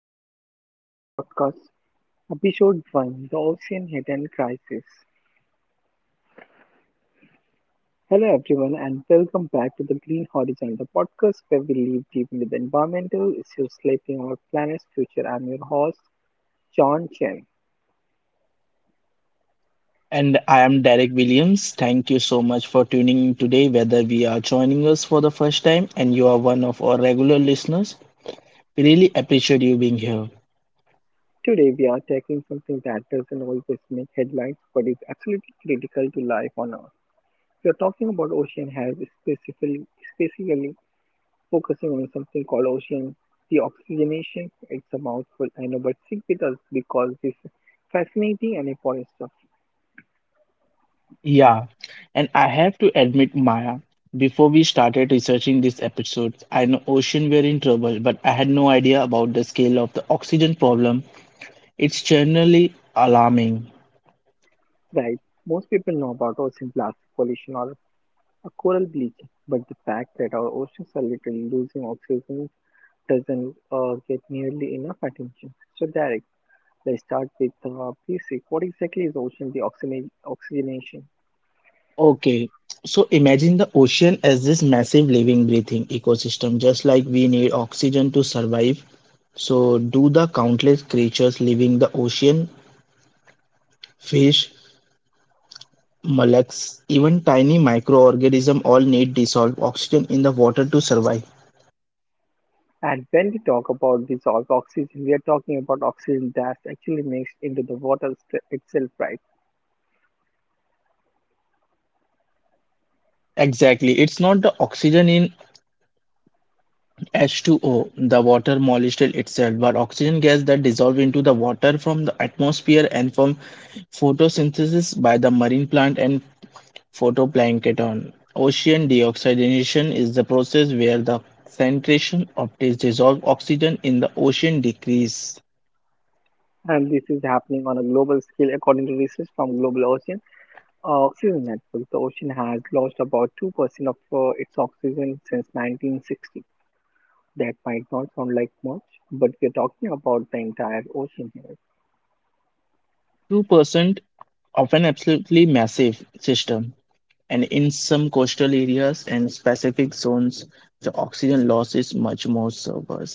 Green Horizon Podcast, Episode 1: The Ocean Hidden Crisis. Hello, everyone, and welcome back to The Green Horizon, the podcast where we live deep into the environmental issues shaping our planet's future. I'm your host, John Chen. And I am Derek Williams. Thank you so much for tuning in today, whether we are joining us for the first time and you are one of our regular listeners. We really appreciate you being here. Today, we are tackling something that doesn't always make headlines but is absolutely critical to life on Earth. We are talking about ocean health, specifically focusing on something called ocean, the oxygenation. It's a mouthful, I know, but stick with us because this is fascinating and important stuff. Yeah, and I have to admit, Maya, before we started researching this episode, I know ocean were in trouble, but I had no idea about the scale of the oxygen problem. It's generally alarming. Right, most people know about ocean plastic pollution or a coral bleach, but the fact that our oceans are literally losing oxygen doesn't get nearly enough attention. So, Derek, let's start with basic. What exactly is oxygenation? Okay, so imagine the ocean as this massive living, breathing ecosystem, just like we need oxygen to survive. So, do the countless creatures living the ocean, fish, mollusks, even tiny microorganisms all need dissolved oxygen in the water to survive? And when we talk about dissolved oxygen, we are talking about oxygen that's actually mixed into the itself, right? Exactly, it's not the oxygen in H2O, the water molecule itself, but oxygen gas that dissolve into the water from the atmosphere and from photosynthesis by the marine plant and Phytoplankton ocean deoxygenation is the process where the concentration of dissolved oxygen in the ocean decreases And this is happening on a global scale, according to research from Global Ocean Oxygen Network. The ocean has lost about 2% of its oxygen since 1960. That might not sound like much, but we are talking about the entire ocean here. 2% of an absolutely massive system. And in some coastal areas and specific zones, the oxygen loss is much more severe.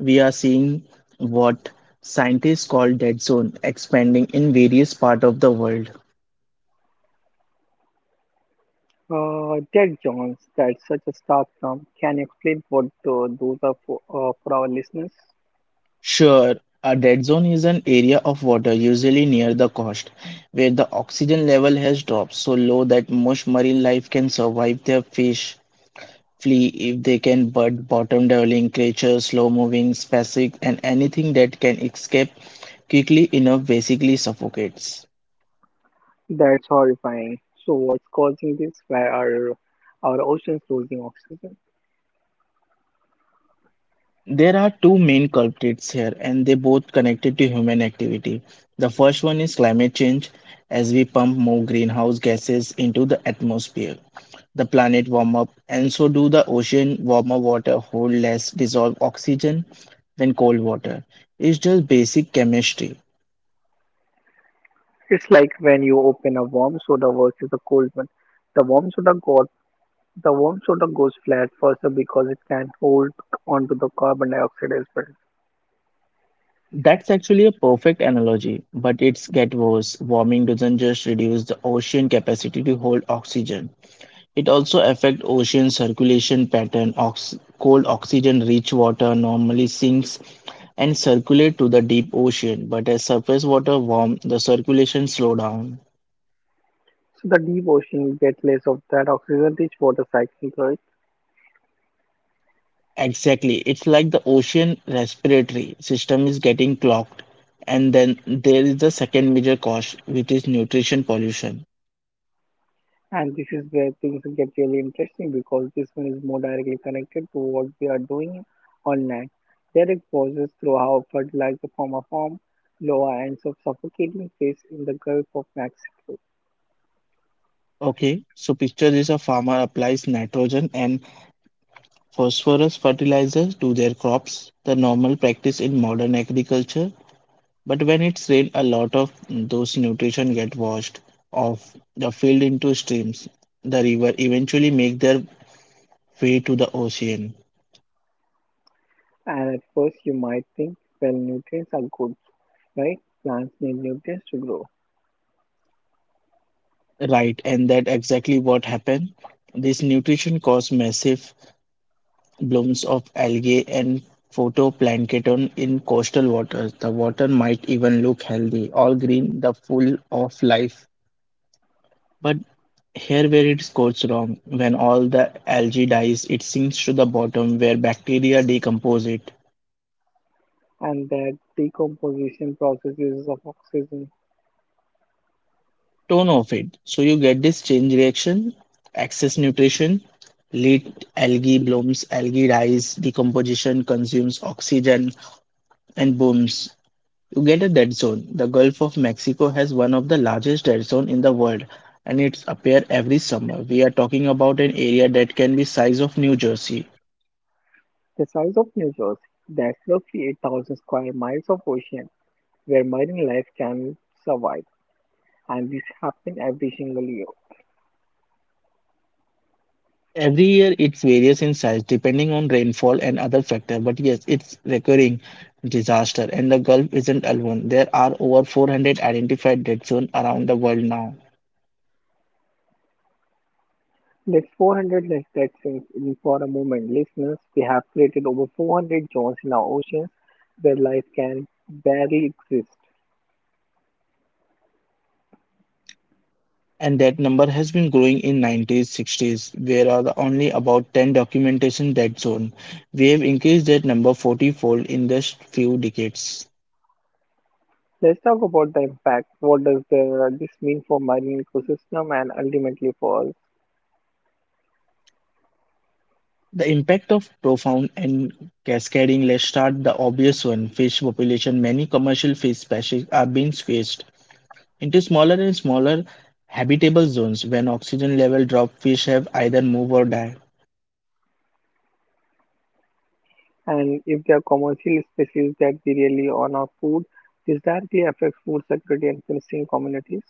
We are seeing what scientists call dead zone expanding in various parts of the world. Ted Jones, that's such a stark term. Can you explain what those are for our listeners? Sure, a dead zone is an area of water, usually near the coast, where the oxygen level has dropped so low that most marine life can survive their fish flee if they can, but bottom dwelling creatures, slow moving, spacic, and anything that can escape quickly enough basically suffocates. That's horrifying. So what's causing this? Where are our oceans losing oxygen? There are two main culprits here, and they both connected to human activity. The first one is climate change, as we pump more greenhouse gases into the atmosphere. The planet warm up, and so do the ocean. Warmer water hold less dissolved oxygen than cold water. It's just basic chemistry. It's like when you open a warm soda versus a cold one. The warm soda got the warm soda goes flat faster because it can hold onto the carbon dioxide as well. That's actually a perfect analogy, but it's get worse. Warming doesn't just reduce the ocean capacity to hold oxygen. It also affects ocean circulation pattern. Cold oxygen-rich water normally sinks and circulate to the deep ocean, but as surface water warm, the circulation slow down. So the deep ocean will get less of that oxygen rich water cycle, right? Exactly. It's like the ocean respiratory system is getting clogged. And then there is the second major cause, which is nutrition pollution. And this is where things get really interesting because this one is more directly connected to what we are doing on land. Direct pauses through how fertilizer from a farm, lower ends of suffocating fish in the Gulf of Mexico. Okay, so picture this, a farmer applies nitrogen and phosphorus fertilizers to their crops, the normal practice in modern agriculture. But when it's rain, a lot of those nutrition get washed off the field into streams. The river eventually make their way to the ocean. And at first you might think, well, nutrients are good, right? Plants need nutrients to grow. Right, and that exactly what happened. This nutrition caused massive blooms of algae and phytoplankton in coastal waters. The water might even look healthy, all green, the full of life. But here where it goes wrong, when all the algae dies, it sinks to the bottom where bacteria decompose it. And that decomposition process uses up oxygen. Tone of it. So you get this change reaction, excess nutrition, lead algae blooms, algae dies, decomposition consumes oxygen and booms. You get a dead zone. The Gulf of Mexico has one of the largest dead zone in the world and it's appears every summer. We are talking about an area that can be the size of New Jersey. The size of New Jersey, that's roughly 8,000 square miles of ocean where marine life can survive. And this happens every single year. Every year it varies in size depending on rainfall and other factors, but yes, it's recurring disaster and the Gulf isn't alone. There are over 400 identified dead zones around the world now. That's 400 less dead since in for a moment, listeners. We have created over 400 zones in our oceans where life can barely exist. And that number has been growing in 90s, 60s, where are the only about 10 documentation dead zone. We have increased that number 40-fold in just few decades. Let's talk about the impact. What does this mean for marine ecosystem and ultimately for us? The impact of profound and cascading, let's start the obvious one, fish population. Many commercial fish species are being squeezed into smaller and smaller habitable zones when oxygen level drop fish have either move or die. And if there are commercial species that we really on our food, this directly affects food security and fishing communities.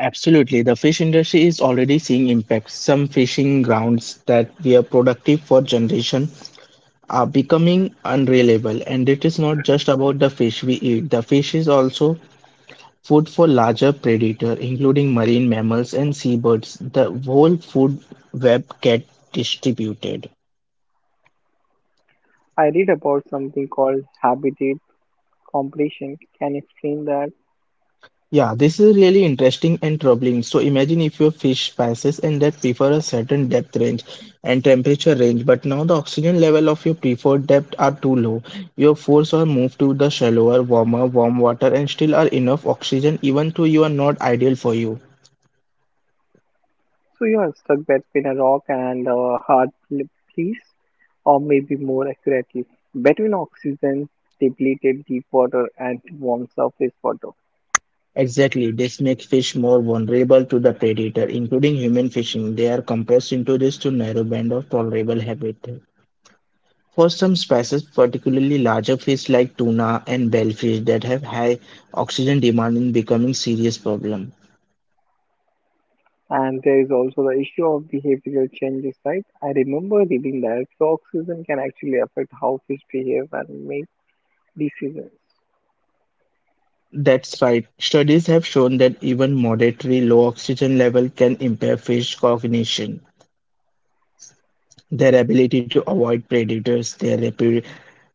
Absolutely, the fish industry is already seeing impacts. Some fishing grounds that were productive for generations are becoming unreliable and it is not just about the fish we eat. The fish is also food for larger predators, including marine mammals and seabirds. The whole food web gets distributed. I read about something called habitat compression. Can you explain that? Yeah, this is really interesting and troubling. So imagine if your fish passes and that prefer a certain depth range and temperature range, but now the oxygen level of your preferred depth are too low. Your force are moved to the shallower, warmer, warm water and still are enough oxygen even though you are not ideal for you. So you are stuck between a rock and a place, or maybe more accurately, between oxygen depleted deep water and warm surface water. Exactly, this makes fish more vulnerable to the predator, including human fishing. They are compressed into this to narrow band of tolerable habitat. For some species, particularly larger fish like tuna and bellfish that have high oxygen demand in becoming serious problem. And there is also the issue of behavioral changes, right? I remember reading that so oxygen can actually affect how fish behave and make decisions. That's right. Studies have shown that even moderately low oxygen level can impair fish cognition, their ability to avoid predators, their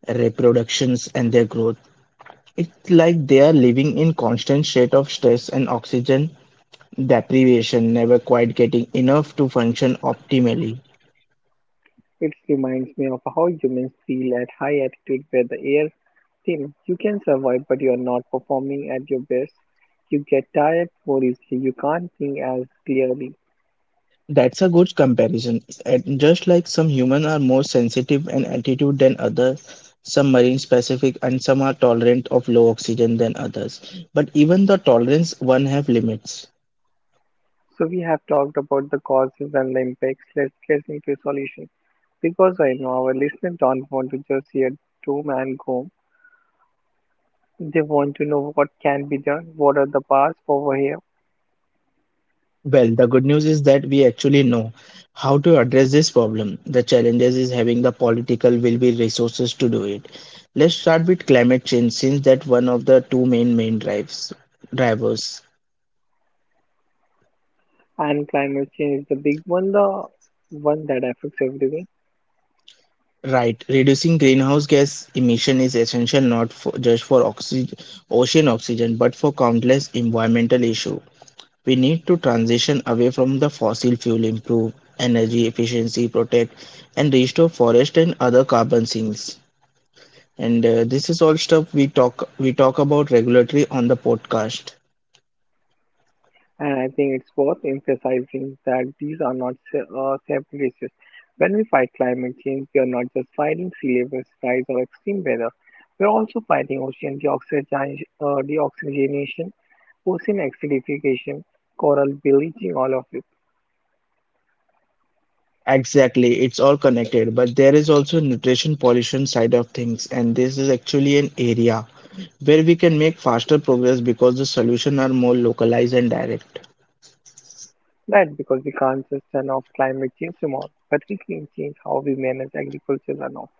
reproductions, and their growth. It's like they are living in constant state of stress and oxygen deprivation, never quite getting enough to function optimally. It reminds me of how humans feel at high altitude where the air thin. You can survive but you're not performing at your best. You get tired more easily. You can't think as clearly. That's a good comparison. And just like some humans are more sensitive and altitude than others, some marine specific and some are tolerant of low oxygen than others. But even the tolerance one have limits. So we have talked about the causes and the impacts. Let's get into solution, because I know our listeners don't want to just hear doom and gloom. They want to know what can be done, what are the paths over here. Well, the good news is that we actually know how to address this problem. The challenges is having the political will be resources to do it. Let's start with climate change since that one of the two main drives drivers. And climate change is the big one, the one that affects everyone. Right. Reducing greenhouse gas emission is essential not for, just for oxy ocean oxygen, but for countless environmental issues. We need to transition away from the fossil fuel, improve energy efficiency, protect and restore forest and other carbon sinks. And this is all stuff we talk about regularly on the podcast. And I think it's worth emphasizing that these are not separate issues. When we fight climate change, we are not just fighting sea levels rise or extreme weather. We are also fighting deoxygenation, ocean acidification, coral bleaching, all of it. Exactly, it's all connected, but there is also nutrition pollution side of things, and this is actually an area where we can make faster progress because the solutions are more localized and direct. That because we can't just turn off climate change tomorrow, but we can change how we manage agriculture runoff.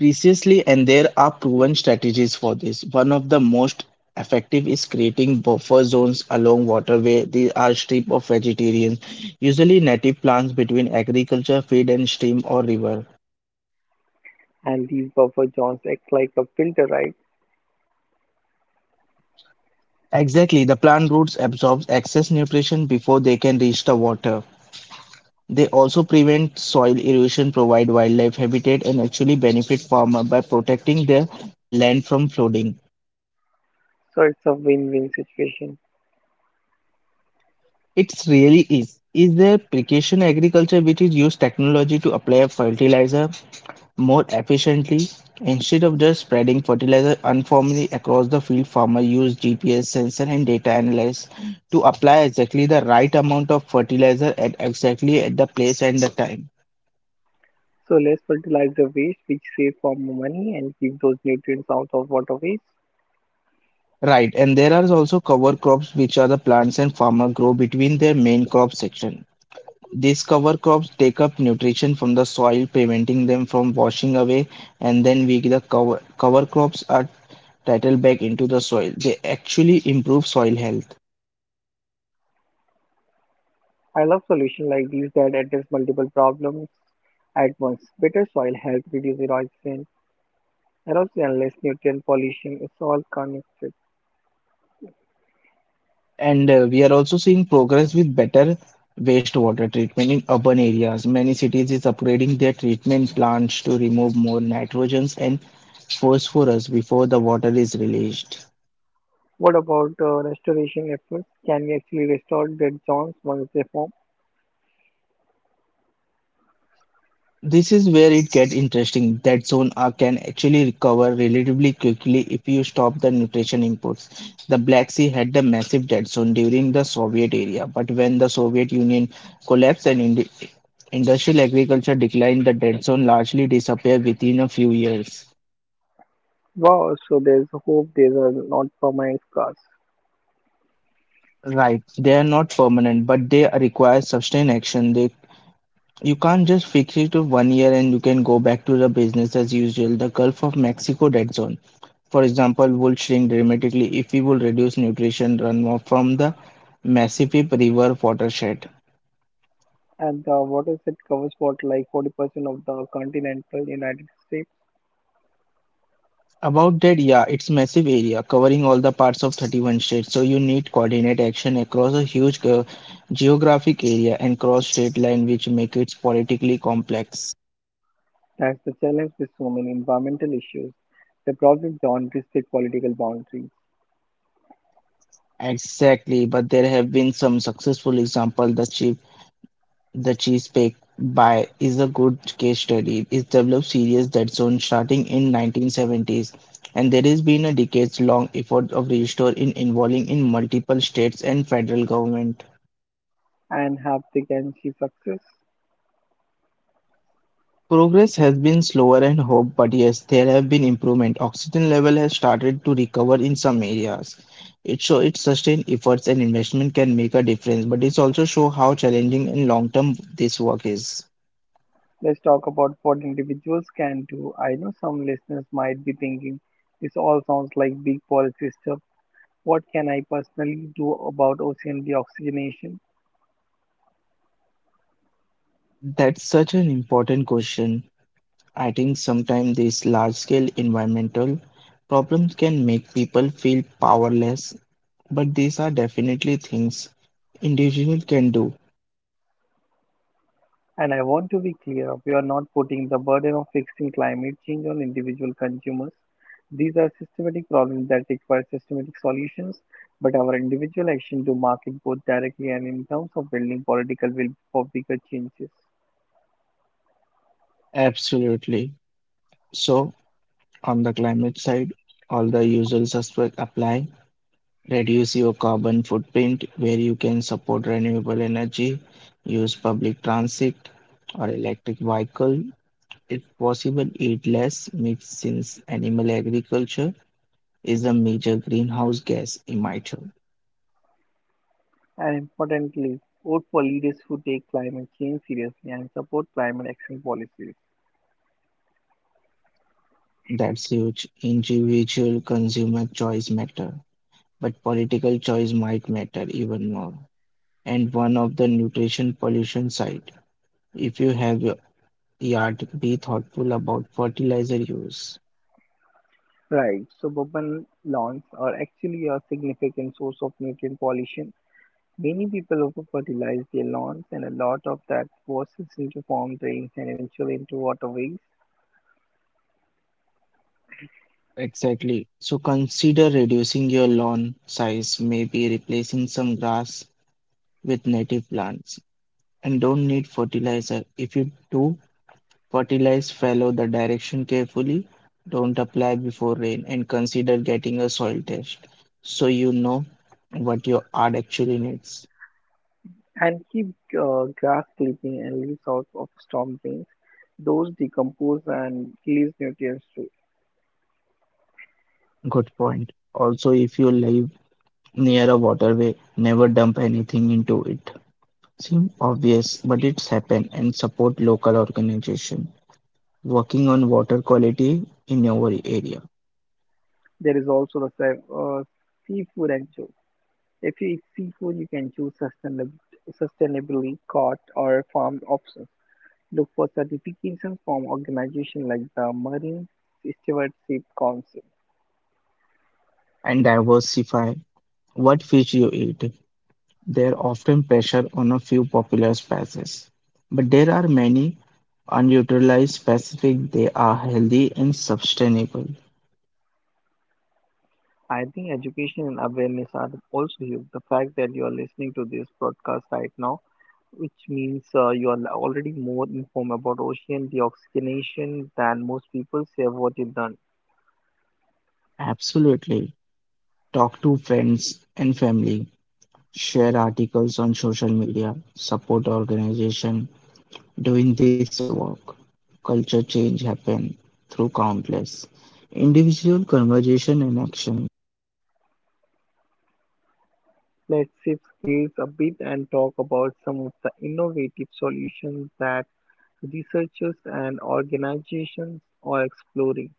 Precisely, and there are proven strategies for this. One of the most effective is creating buffer zones along waterway. These are strip of vegetarian, usually native plants between agriculture, feed and stream or river. And these buffer zones act like a filter, right? Exactly, the plant roots absorb excess nutrition before they can reach the water. They also prevent soil erosion, provide wildlife habitat, and actually benefit farmer by protecting their land from flooding. So it's a win-win situation. It's really is. Is there precision agriculture which is use technology to apply a fertilizer more efficiently? Instead of just spreading fertilizer uniformly across the field, farmer use GPS sensor and data analysis to apply exactly the right amount of fertilizer at exactly at the place and the time. So let's fertilize the waste which save farm money and keep those nutrients out of waterways. Right, and there are also cover crops which are the plants and farmer grow between their main crop section. These cover crops take up nutrition from the soil, preventing them from washing away, and then we the cover crops are titled back into the soil. They actually improve soil health. I love solutions like these that address multiple problems at once. Better soil health, erosion and less nutrient pollution. It's all connected. And we are also seeing progress with better wastewater treatment in urban areas. Many cities is upgrading their treatment plants to remove more nitrogens and phosphorus before the water is released. What about restoration efforts? Can we actually restore dead zones once they form? This is where it gets interesting. That zone can actually recover relatively quickly if you stop the nutrition imports. The Black Sea had the massive dead zone during the Soviet era, but when the Soviet Union collapsed and industrial agriculture declined, the dead zone largely disappeared within a few years. Wow, so there's hope these are not permanent scars. Right, they are not permanent, but they require sustained action. They you can't just fix it to 1 year and you can go back to the business as usual. The Gulf of Mexico dead zone, for example, would shrink dramatically if we would reduce nutrition runoff from the Mississippi River watershed. And the water set covers what like 40% of the continental United States. About that, yeah, it's massive area covering all the parts of 31 states, so you need coordinate action across a huge geographic area and cross state line, which make it politically complex. That's the challenge with so many environmental issues. The problem don't respect political boundaries. Exactly, but there have been some successful examples. "The Cheese Bake By" is a good case study. It developed serious zone starting in 1970s, and there has been a decades-long effort of restore involving in multiple states and federal government. And have they can see success? Progress has been slower and hope, but yes, there have been improvement. Oxygen level has started to recover in some areas. It shows its sustained efforts and investment can make a difference, but it also shows how challenging and long term this work is. Let's talk about what individuals can do. I know some listeners might be thinking, this all sounds like big policy stuff. What can I personally do about ocean deoxygenation? That's such an important question. I think sometimes these large-scale environmental problems can make people feel powerless, but these are definitely things individuals can do. And I want to be clear, we are not putting the burden of fixing climate change on individual consumers. These are systematic problems that require systematic solutions, but our individual action to market both directly and in terms of building political will for bigger changes. Absolutely. So, on the climate side, all the usual suspects apply. Reduce your carbon footprint where you can support renewable energy, use public transit or electric vehicle. If possible, eat less meat since animal agriculture is a major greenhouse gas emitter. And importantly, vote for leaders who take climate change seriously and support climate action policies. That's huge. Individual consumer choice matter, but political choice might matter even more. And one of the nutrition pollution side. If you have a yard, be thoughtful about fertilizer use. Right, suburban lawns are actually a significant source of nutrient pollution. Many people over fertilize their lawns, and a lot of that washes into farm drains and eventually into waterways, Exactly. So consider reducing your lawn size, maybe replacing some grass with native plants. And don't need fertilizer. If you do, fertilize fallow the direction carefully, don't apply before rain, and consider getting a soil test so you know what your yard actually needs. and keep grass clipping and leaves out of storm drains. Those decompose and release nutrients too. Good point. Also, if you live near a waterway, never dump anything into it. Seems obvious, but it's happened, and support local organization working on water quality in your area There is also the seafood and chow. If you eat seafood, you can choose sustainably caught or farmed options. Look for certifications from organizations like the Marine Stewardship Council. and diversify what fish you eat. There often pressure on a few popular species, but there are many unutilized species. They are healthy and sustainable. I think education and awareness are also huge. The fact that you are listening to this broadcast right now, which means you are already more informed about ocean deoxygenation than most people. Say what you've done. Absolutely. Talk to friends and family. Share articles on social media. Support organization doing this work. Culture change happen through countless individual conversation and action. Let's shift gears a bit and talk about some of the innovative solutions that researchers and organizations are exploring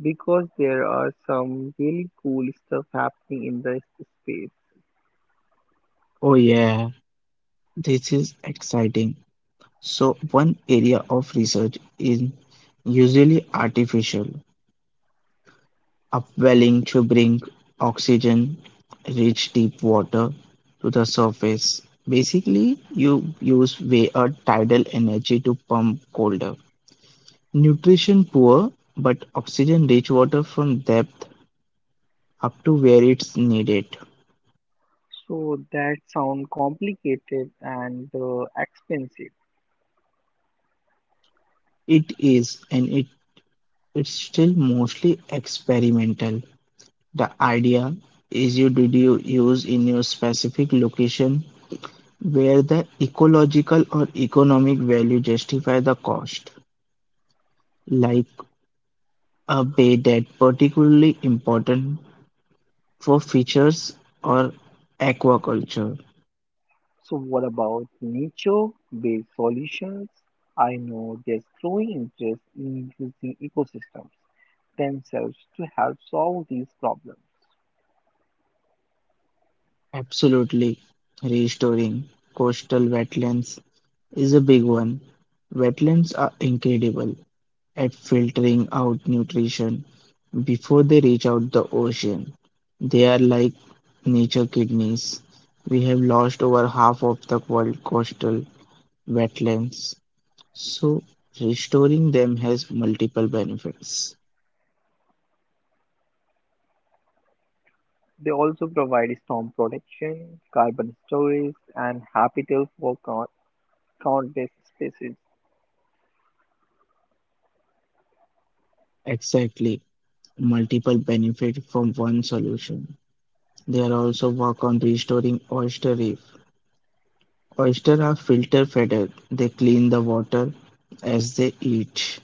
because there are some really cool stuff happening in this space. Oh yeah, this is exciting. So one area of research is usually artificial upwelling to bring oxygen-rich deep water to the surface. Basically, you use way or tidal energy to pump colder, nutrition poor, but oxygen-rich water from depth up to where it's needed. So that sound complicated and expensive. It is, and it's still mostly experimental. The idea is you use in your specific location where the ecological or economic value justify the cost, like a bay that particularly important for fisheries or aquaculture. So what about nature-based solutions? I know there's growing interest in using ecosystems themselves to help solve these problems. Absolutely, restoring coastal wetlands is a big one. Wetlands are incredible at filtering out nutrition before they reach out the ocean. They are like nature kidneys. We have lost over half of the world coastal wetlands. So restoring them has multiple benefits. They also provide storm protection, carbon storage, and habitat for countless species. Exactly, multiple benefit from one solution. They are also work on restoring oyster reef. Oyster are filter fed. They clean the water as they eat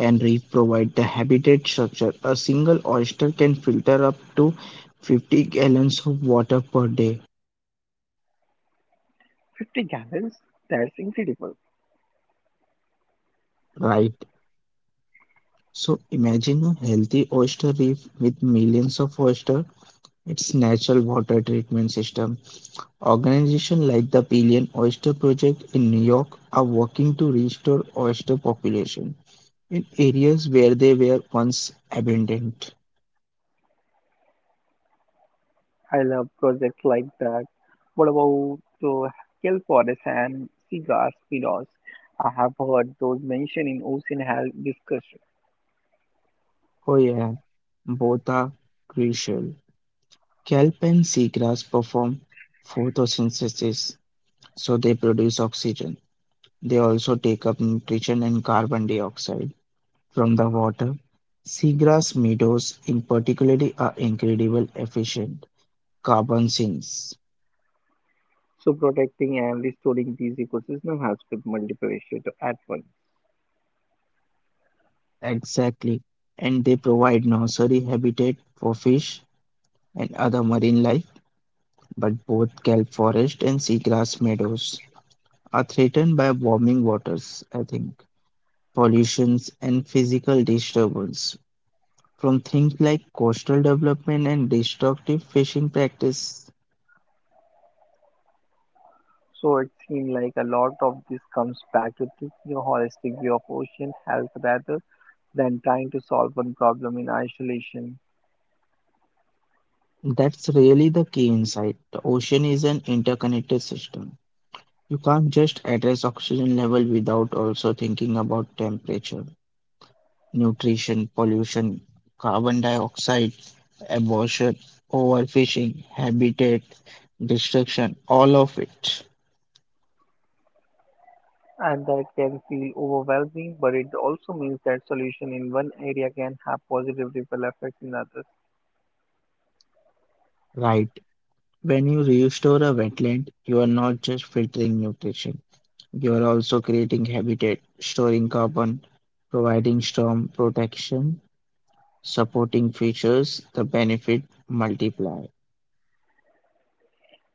and reprovide the habitat structure. A single oyster can filter up to 50 gallons of water per day, 50 gallons? That's incredible. right? So imagine a healthy oyster reef with millions of oysters. Its natural water treatment system. Organizations like the Billion Oyster Project in New York are working to restore oyster population in areas where they were once abundant. I love projects like that. What about the kelp forests and seagrass meadows? I have heard those mentioned in ocean health discussion. Oh yeah, both are crucial. Kelp and seagrass perform photosynthesis, so they produce oxygen. They also take up nutrition and carbon dioxide from the water. Seagrass meadows in particular are incredibly efficient carbon sinks. So protecting and restoring these ecosystems has been multiple issues at once. Exactly. And they provide nursery habitat for fish and other marine life, but both kelp forest and seagrass meadows are threatened by warming waters, I think, pollutions and physical disturbance from things like coastal development and destructive fishing practice. So it seems like a lot of this comes back to taking a holistic view of ocean health rather than trying to solve one problem in isolation. That's really the key insight. The ocean is an interconnected system. You can't just address oxygen level without also thinking about temperature, nutrition, pollution, carbon dioxide, abortion, overfishing, habitat destruction, all of it. And that can feel overwhelming, but it also means that solution in one area can have positive ripple effects in others. Right. When you restore a wetland, you are not just filtering nutrition, you are also creating habitat, storing carbon, providing storm protection, supporting fishes, the benefit multiply.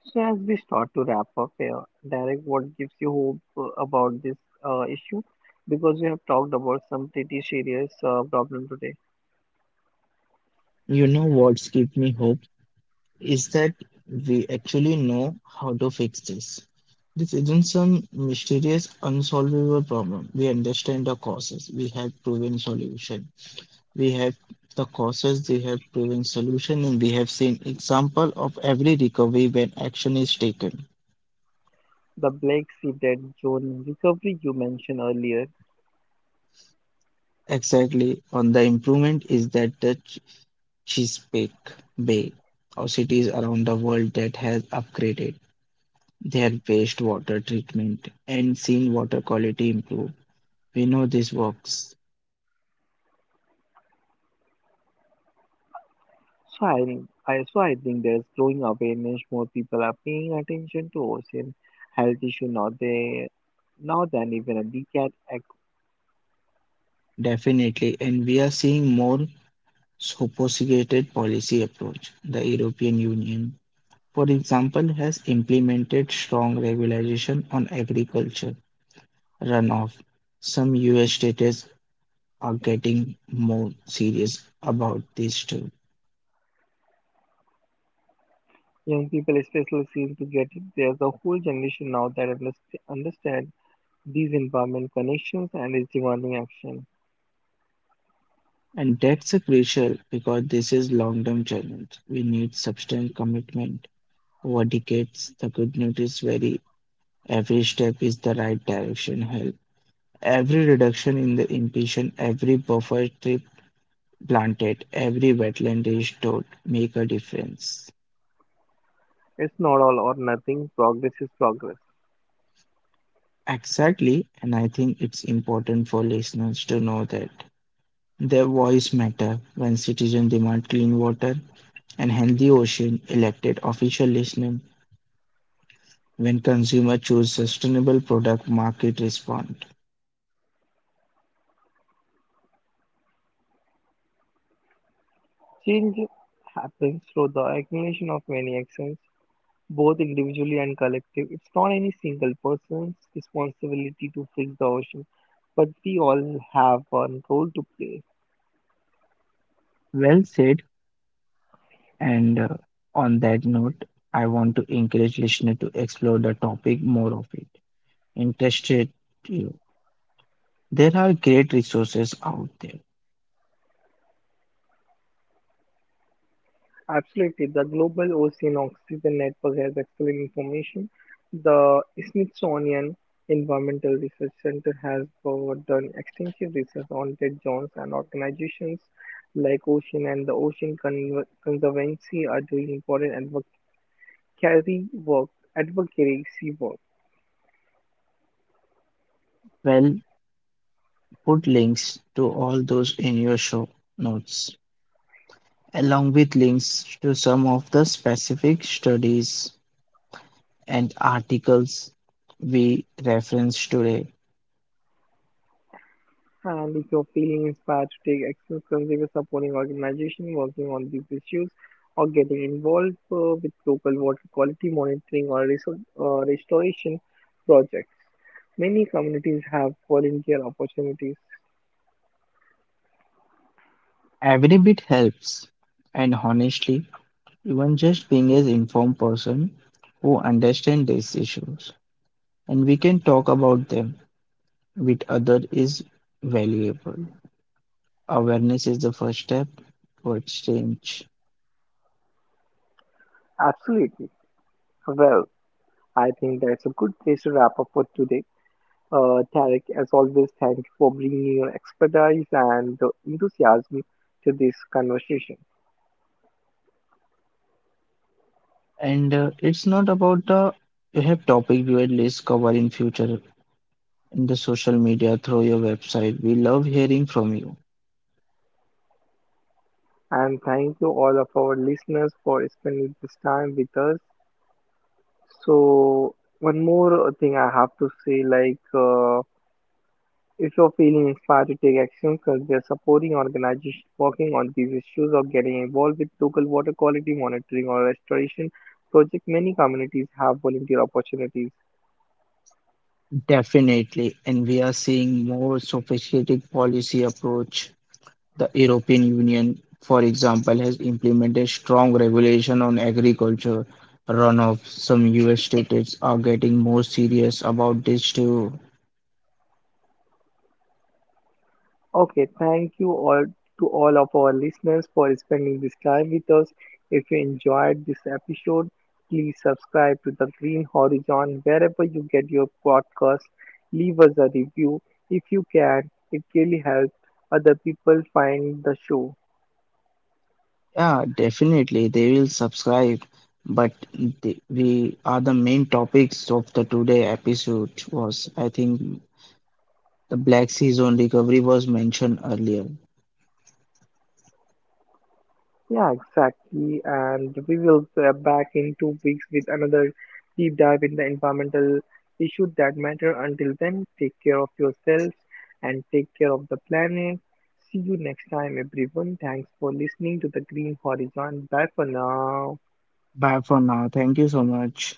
So, as we start to wrap up here, Derek, what gives you hope about this issue? Because we have talked about some pretty serious problem today. You know what's gives me hope is that we actually know how to fix this. This isn't some mysterious unsolvable problem. We understand the causes. We have proven solution. We have the causes, we have proven solution, and we have seen example of every recovery when action is taken. The Black Sea dead zone recovery you mentioned earlier. Exactly on the improvement is that the Chesapeake Bay or cities around the world that has upgraded their wastewater treatment and seen water quality improve. We know this works. So I think there's growing awareness. More people are paying attention to ocean health issue now. They now than even a decade ago. Definitely, and we are seeing more sophisticated policy approach. The European Union, for example, has implemented strong regulation on agriculture runoff. Some US states are getting more serious about this too. Young people especially seem to get it. There's a whole generation now that understand these environment connections and is demanding action. And that's a crucial because this is long-term challenge. We need substantial commitment over decades. The good news is very every step is the right direction. Help every reduction in the emission, every buffer tree planted, every wetland restored make a difference. It's not all or nothing, progress is progress. Exactly, and I think it's important for listeners to know that their voice matter when citizens demand clean water and healthy ocean, elected official listen when consumer choose sustainable product market respond. Change happens through the accumulation of many actions, both individually and collective. It's not any single person's responsibility to fix the ocean, but we all have a role to play. Well said, and on that note, I want to encourage listener to explore the topic more of it. Interested you. There are great resources out there. Absolutely. The Global Ocean Oxygen Network has excellent information. The Smithsonian Environmental Research Center has done extensive research on dead zones, and organizations like Ocean and the Conservancy are doing important advocacy work, advocacy work. Well, put links to all those in your show notes, along with links to some of the specific studies and articles we reference today. And if you're feeling inspired to take action, consider supporting organizations working on these issues or getting involved with local water quality monitoring or restoration projects. Many communities have volunteer opportunities. Every bit helps, and honestly, even just being an informed person who understands these issues and we can talk about them with others is valuable. Awareness is the first step towards change, Absolutely. Well, I think that's a good place to wrap up for today. Tarek, as always, thank you for bringing your expertise and enthusiasm to this conversation. and it's not about the you have topic you at least cover in future in the social media through your website. We love hearing from you. And thank you all of our listeners for spending this time with us. So, one more thing I have to say like, if you're feeling inspired to take action, consider supporting organizations working on these issues or getting involved with local water quality monitoring or restoration projects. Many communities have volunteer opportunities. Definitely, and we are seeing more sophisticated policy approach. The European Union, for example, has implemented strong regulation on agriculture runoff. Some US states are getting more serious about this too. Okay, thank you all to all of our listeners for spending this time with us. If you enjoyed this episode, please subscribe to the Green Horizon wherever you get your podcast. Leave us a review if you can. It really helps other people find the show. Yeah, definitely they will subscribe, but we are the main topics of the today episode was, I think, the Black Sea zone recovery was mentioned earlier. Yeah, exactly. And we will back in 2 weeks with another deep dive in the environmental issues that matter. Until then, take care of yourselves and take care of the planet. See you next time, everyone. Thanks for listening to the Green Horizon. Bye for now. Bye for now. Thank you so much.